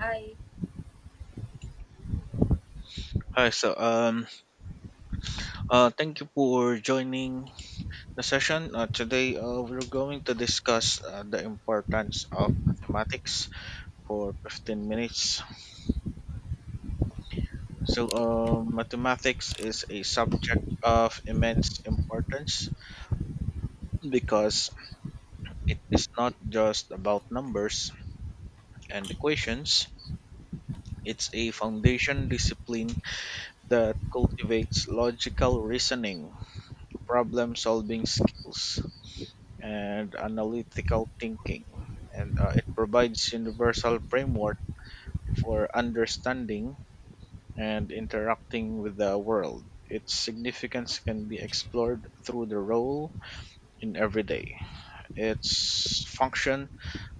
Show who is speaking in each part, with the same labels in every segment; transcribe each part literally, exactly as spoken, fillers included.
Speaker 1: I
Speaker 2: Hi, so um, uh, Thank you for joining the session. Uh, today, uh, we're going to discuss uh, the importance of mathematics for fifteen minutes. So, uh, mathematics is a subject of immense importance because it is not just about numbers and equations. It's a foundation discipline that cultivates logical reasoning, problem solving skills, and analytical thinking. And uh, it provides universal framework for understanding and interacting with the world. Its significance can be explored through the role in everyday. Its function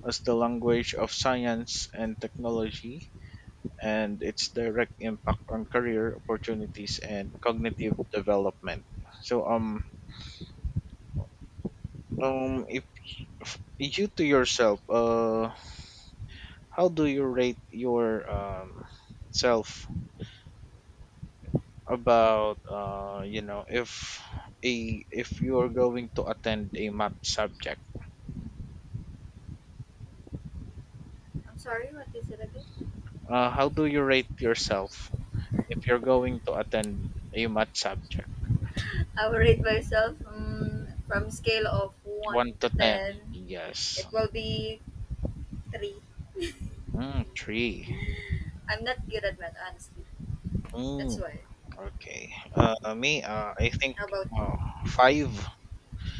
Speaker 2: as the language of science and technology, and its direct impact on career opportunities and cognitive development. So um um if if you to yourself, uh how do you rate your um, self about, uh, you know, if a if you are going to attend a math subject?
Speaker 1: I'm sorry, what is it again?
Speaker 2: Uh, how do you rate yourself if you're going to attend a math subject?
Speaker 1: I will rate myself um, from scale of one
Speaker 2: one
Speaker 1: to
Speaker 2: to ten,
Speaker 1: ten.
Speaker 2: yes.
Speaker 1: It will be three.
Speaker 2: mm, 3.
Speaker 1: I'm not good at math, honestly.
Speaker 2: mm,
Speaker 1: That's why.
Speaker 2: okay. Uh, me uh, i think,
Speaker 1: How about you?
Speaker 2: uh, five.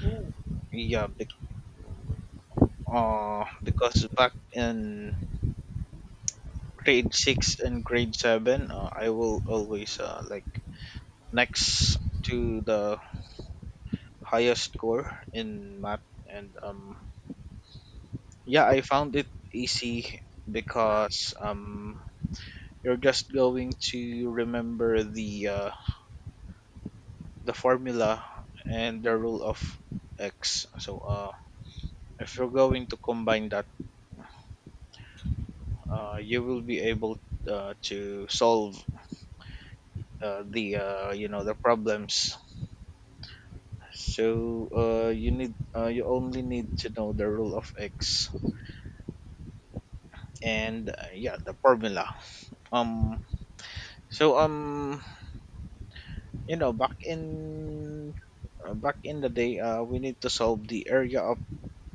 Speaker 1: Ooh.
Speaker 2: Yeah be- uh, because back in grade six and grade seven, uh, I will always, uh, like, next to the highest score in math, and um yeah, I found it easy
Speaker 1: Wow.
Speaker 2: because um you're just going to remember the uh, the formula and the rule of x. so uh if you're going to combine that, uh you will be able uh, to solve uh, the uh, you know, the problems. So uh you need uh, you only need to know the rule of x and uh, yeah, the formula. Um. So um, you know, back in uh, back in the day, uh, we need to solve the area of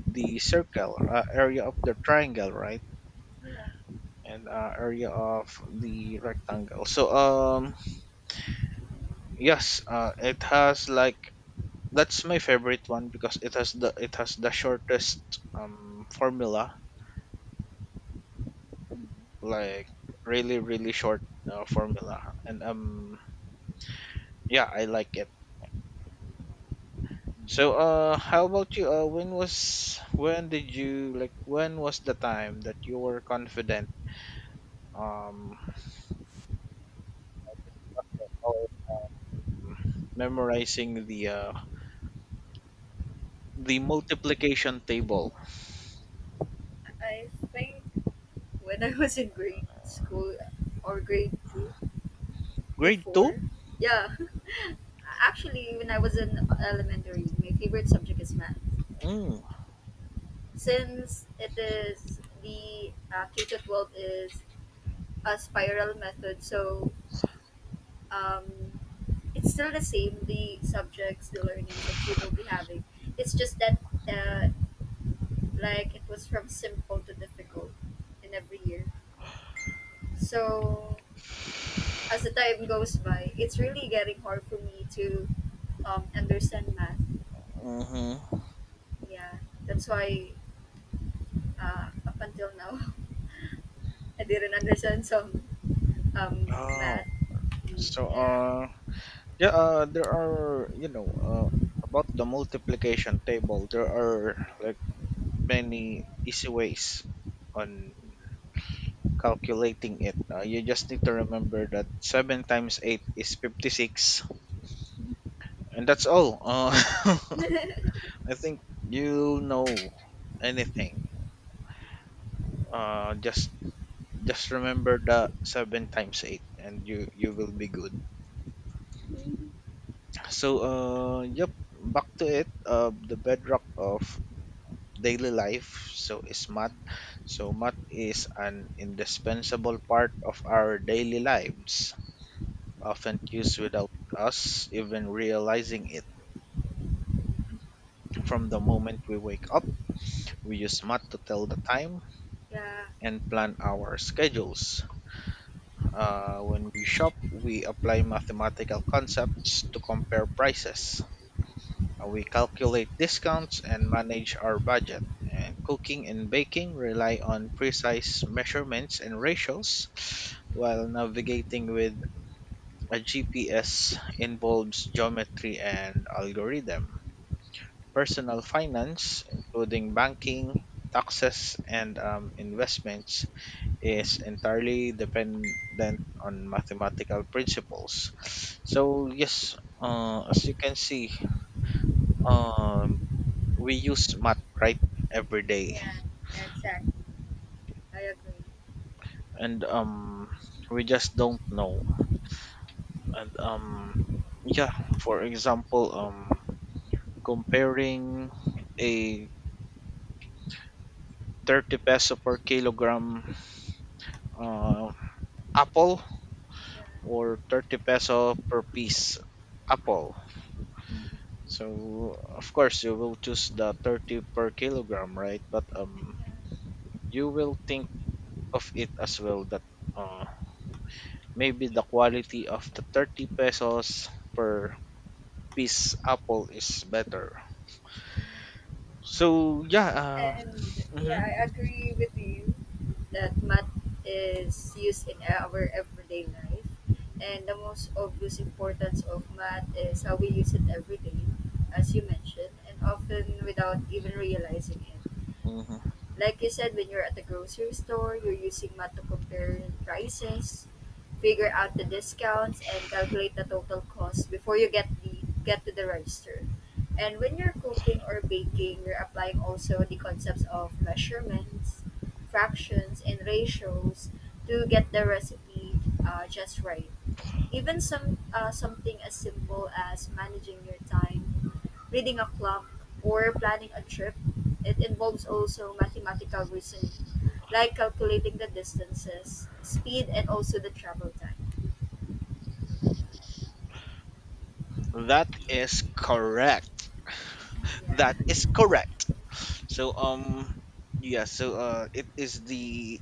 Speaker 2: the circle, uh, area of the triangle, right?
Speaker 1: Yeah.
Speaker 2: And uh, area of the rectangle. So um, yes, uh, it has, like, that's my favorite one because it has the it has the shortest um formula, like really really short, uh, formula, and um, yeah, I like it. So, uh, how about you? Uh, when was when did you like when was the time that you were confident um of memorizing the uh the multiplication table?
Speaker 1: I I think when I was in grade school or grade two
Speaker 2: Grade two?
Speaker 1: before, yeah. Actually, when I was in elementary, my favorite subject is math.
Speaker 2: Mm.
Speaker 1: Since it is the uh, K to twelve is a spiral method. So um, it's still the same, the subjects, the learnings that you will be having. It's just that uh, like it was from simple to difficult in every year. So as the time goes by, it's really getting hard for me to um, understand math.
Speaker 2: Mm-hmm.
Speaker 1: Yeah, that's why uh, up until now, I didn't understand some um, math.
Speaker 2: Oh, so
Speaker 1: Yeah.
Speaker 2: uh, yeah, uh, there are, you know uh about the multiplication table, there are, like, many easy ways on calculating it. Uh, you just need to remember that seven times eight is fifty six. And that's all. Uh, I think you'll know anything. Uh, just just remember the seven times eight and you you will be good. So uh yep, back to it. Uh the bedrock of daily life so is math. So math is an indispensable part of our daily lives, often used without us even realizing it. From the moment we wake up, we use math to tell the time
Speaker 1: Yeah.
Speaker 2: and plan our schedules. Uh, when we shop, we apply mathematical concepts to compare prices. Uh, We calculate discounts and manage our budget. And cooking and baking rely on precise measurements and ratios, while navigating with a G P S involves geometry and algorithm. Personal finance, including banking, taxes, and um, investments, is entirely dependent on mathematical principles. So, yes, uh, as you can see, um, we use math right every day,
Speaker 1: Yeah, exactly. I agree.
Speaker 2: and um, we just don't know. And um, yeah, for example, um, comparing a thirty peso per kilogram uh, apple
Speaker 1: Yeah,
Speaker 2: or thirty peso per piece apple. So of course you will choose the thirty per kilogram, right? But um
Speaker 1: yeah.
Speaker 2: you will think of it as well that uh, maybe the quality of the thirty pesos per piece apple is better. So yeah,
Speaker 1: And
Speaker 2: uh,
Speaker 1: yeah,
Speaker 2: mhm,
Speaker 1: I agree with you that math is used in our everyday life. And the most obvious importance of math is how we use it every day, as you mentioned, and often without even realizing it.
Speaker 2: mhm.
Speaker 1: Like you said, when you're at the grocery store, you're using math to compare prices, figure out the discounts, and calculate the total cost before you get the get to the register. And when you're cooking or baking, you're applying also the concepts of measurements, fractions, and ratios to get the recipe uh, just right, even some uh, something as simple as managing your time, reading a clock, or planning a trip, it involves also mathematical reasoning, like calculating the distances, speed, and also the travel time.
Speaker 2: That is correct.
Speaker 1: Yeah,
Speaker 2: That is correct. So um yeah, so uh it is the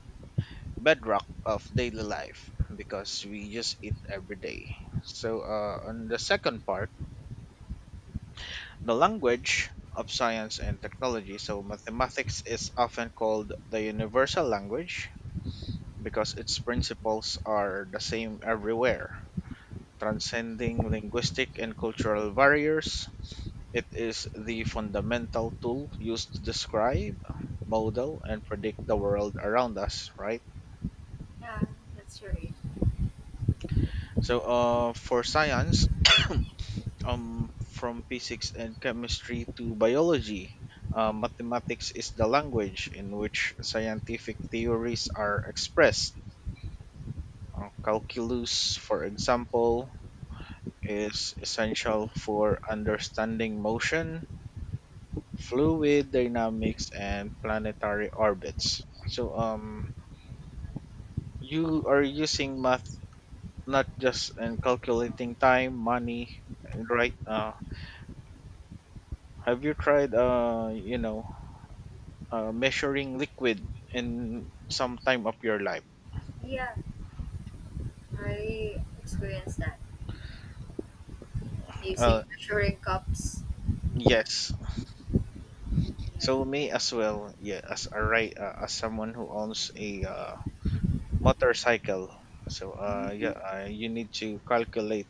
Speaker 2: bedrock of daily life because we just eat every day. So, uh, on the second part, the language of science and technology. So, mathematics is often called the universal language because its principles are the same everywhere, transcending linguistic and cultural barriers. It is the fundamental tool used to describe, model, and predict the world around us, right?
Speaker 1: yeah, that's right.
Speaker 2: So, uh, for science, um, from physics and chemistry to biology. Uh, mathematics is the language in which scientific theories are expressed. Uh, calculus, for example, is essential for understanding motion, fluid dynamics, and planetary orbits. So, um, you are using math not just in calculating time, money, right? Uh, have you tried, uh, you know, uh, measuring liquid in some time of your life?
Speaker 1: Yeah, I experienced that
Speaker 2: Uh,
Speaker 1: using measuring cups.
Speaker 2: yes.
Speaker 1: Yeah,
Speaker 2: So may as well, yeah, as a right uh, as someone who owns a uh, motorcycle. So uh, yeah, uh, you need to calculate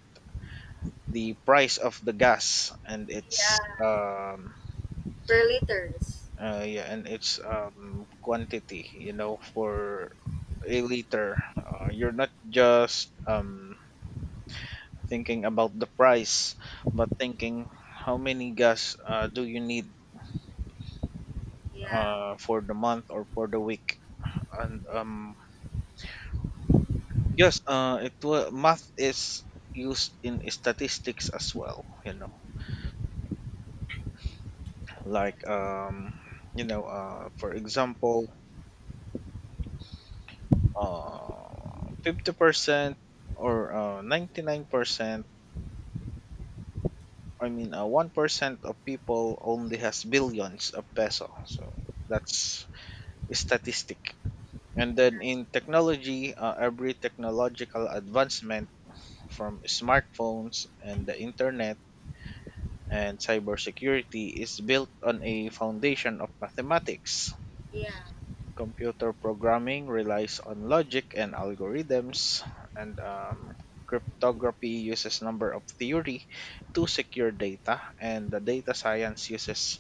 Speaker 2: the price of the gas and its
Speaker 1: yeah,
Speaker 2: um
Speaker 1: per liters.
Speaker 2: uh, yeah and its um quantity. You know, for a liter, uh, you're not just um thinking about the price, but thinking how many gas, uh, do you need
Speaker 1: Yeah,
Speaker 2: uh, for the month or for the week. And um, yes, uh, it wa math is used in statistics as well. You know, like um, you know, uh, for example, uh, fifty percent or uh, ninety nine percent. I mean, uh, one percent of people only has billions of peso. So that's a statistic. And then in technology, uh, every technological advancement from smartphones and the internet, and cybersecurity is built on a foundation of mathematics.
Speaker 1: yeah,
Speaker 2: Computer programming relies on logic and algorithms, and um, cryptography uses number of theory to secure data, and the data science uses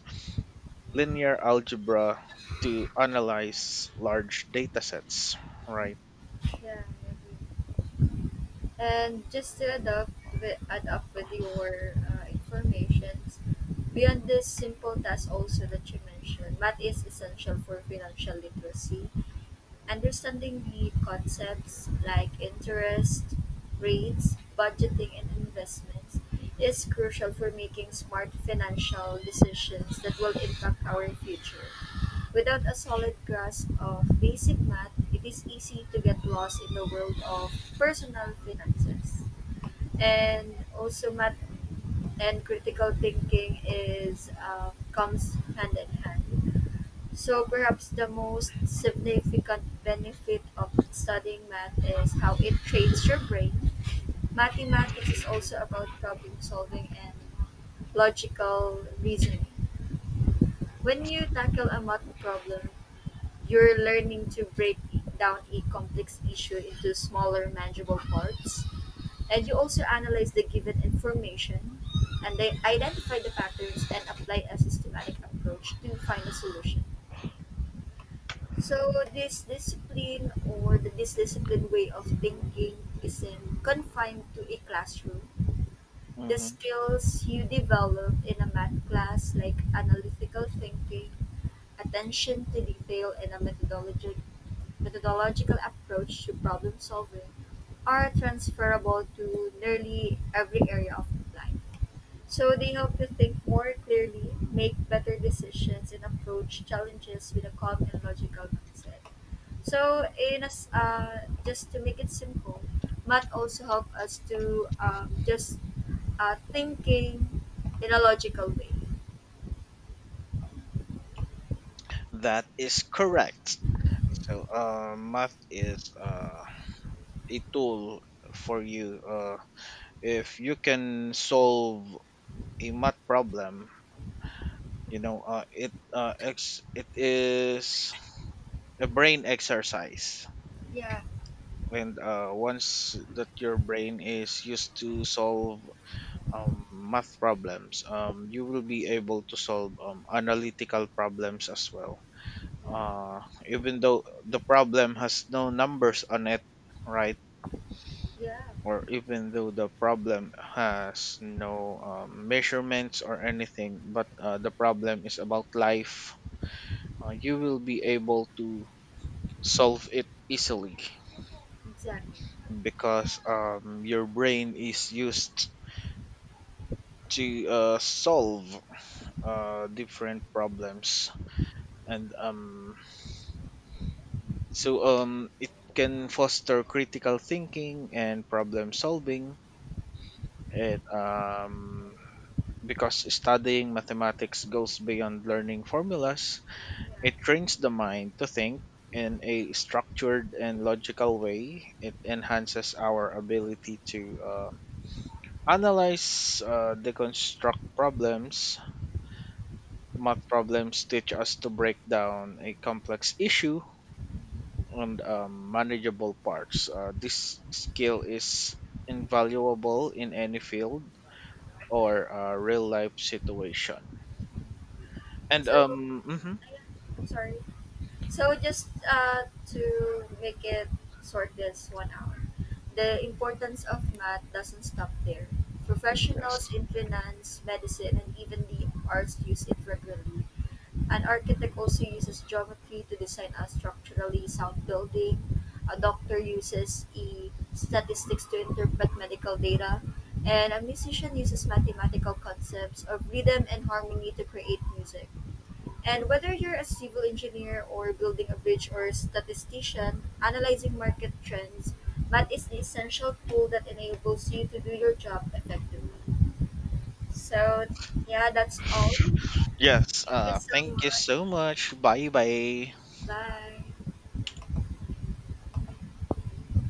Speaker 2: linear algebra to analyze large data sets. Right.
Speaker 1: yeah. Yeah. And just to adopt with, add up with your uh, informations beyond this simple task also that you mentioned, math is essential for financial literacy. Understanding need concepts like interest rates, budgeting, and investments is crucial for making smart financial decisions that will impact our future. Without a solid grasp of basic math, it is easy to get lost in the world of personal finances. And also, math and critical thinking is uh, comes hand in hand. So perhaps the most significant benefit of studying math is how it trains your brain. Mathematics is also about problem solving and logical reasoning. When you tackle a math problem, you're learning to break down a complex issue into smaller manageable parts, and you also analyze the given information, and they identify the patterns and apply a systematic approach to find a solution. So this discipline, or the this disciplined way of thinking, isn't confined to a classroom. The
Speaker 2: Mhm.
Speaker 1: skills you develop in a math class, like analytical thinking, attention to detail, and a methodology methodological approach to problem solving, are transferable to nearly every area of life. So they help you think more clearly, make better decisions, and approach challenges with a calm and logical mindset. So, in as uh, just to make it simple, math also help us to um, just uh, thinking in a logical way.
Speaker 2: That is correct. So uh, math is, uh, a tool for you. Uh, if you can solve a math problem, you know, uh, it uh, ex- it is a brain exercise.
Speaker 1: Yeah,
Speaker 2: And uh, once that your brain is used to solve um, math problems, um, you will be able to solve um, analytical problems as well.
Speaker 1: yeah.
Speaker 2: Uh, Even though the problem has no numbers on it, right?
Speaker 1: Yeah,
Speaker 2: Or even though the problem has no um, measurements or anything, but uh, the problem is about life, uh, you will be able to solve it easily
Speaker 1: exactly.
Speaker 2: because um, your brain is used to uh, solve uh, different problems, and um, so um, it can foster critical thinking and problem solving, it um, because studying mathematics goes beyond learning formulas.
Speaker 1: Yeah.
Speaker 2: It trains the mind to think in a structured and logical way. It enhances our ability to, uh, analyze, uh, deconstruct problems. Math problems teach us to break down a complex issue on um, manageable parts. Uh, this skill is invaluable in any field or, uh, real life situation. And
Speaker 1: So,
Speaker 2: um, mhm.
Speaker 1: yeah. I'm sorry. So just uh, to make it short, this one hour. The importance of math doesn't stop there.
Speaker 2: Mm,
Speaker 1: Professionals
Speaker 2: yes.
Speaker 1: in finance, medicine, and even the arts use it regularly. An architect also uses geometry to design a structurally sound building. A doctor uses e statistics to interpret medical data. And a musician uses mathematical concepts of rhythm and harmony to create music. And whether you're a civil engineer or building a bridge, or a statistician analyzing market trends, math is the essential tool that enables you to do your job effectively. So, yeah, that's all.
Speaker 2: Yes.
Speaker 1: Thank you
Speaker 2: Uh,
Speaker 1: so
Speaker 2: thank you
Speaker 1: much.
Speaker 2: so much. Bye bye.
Speaker 1: Bye.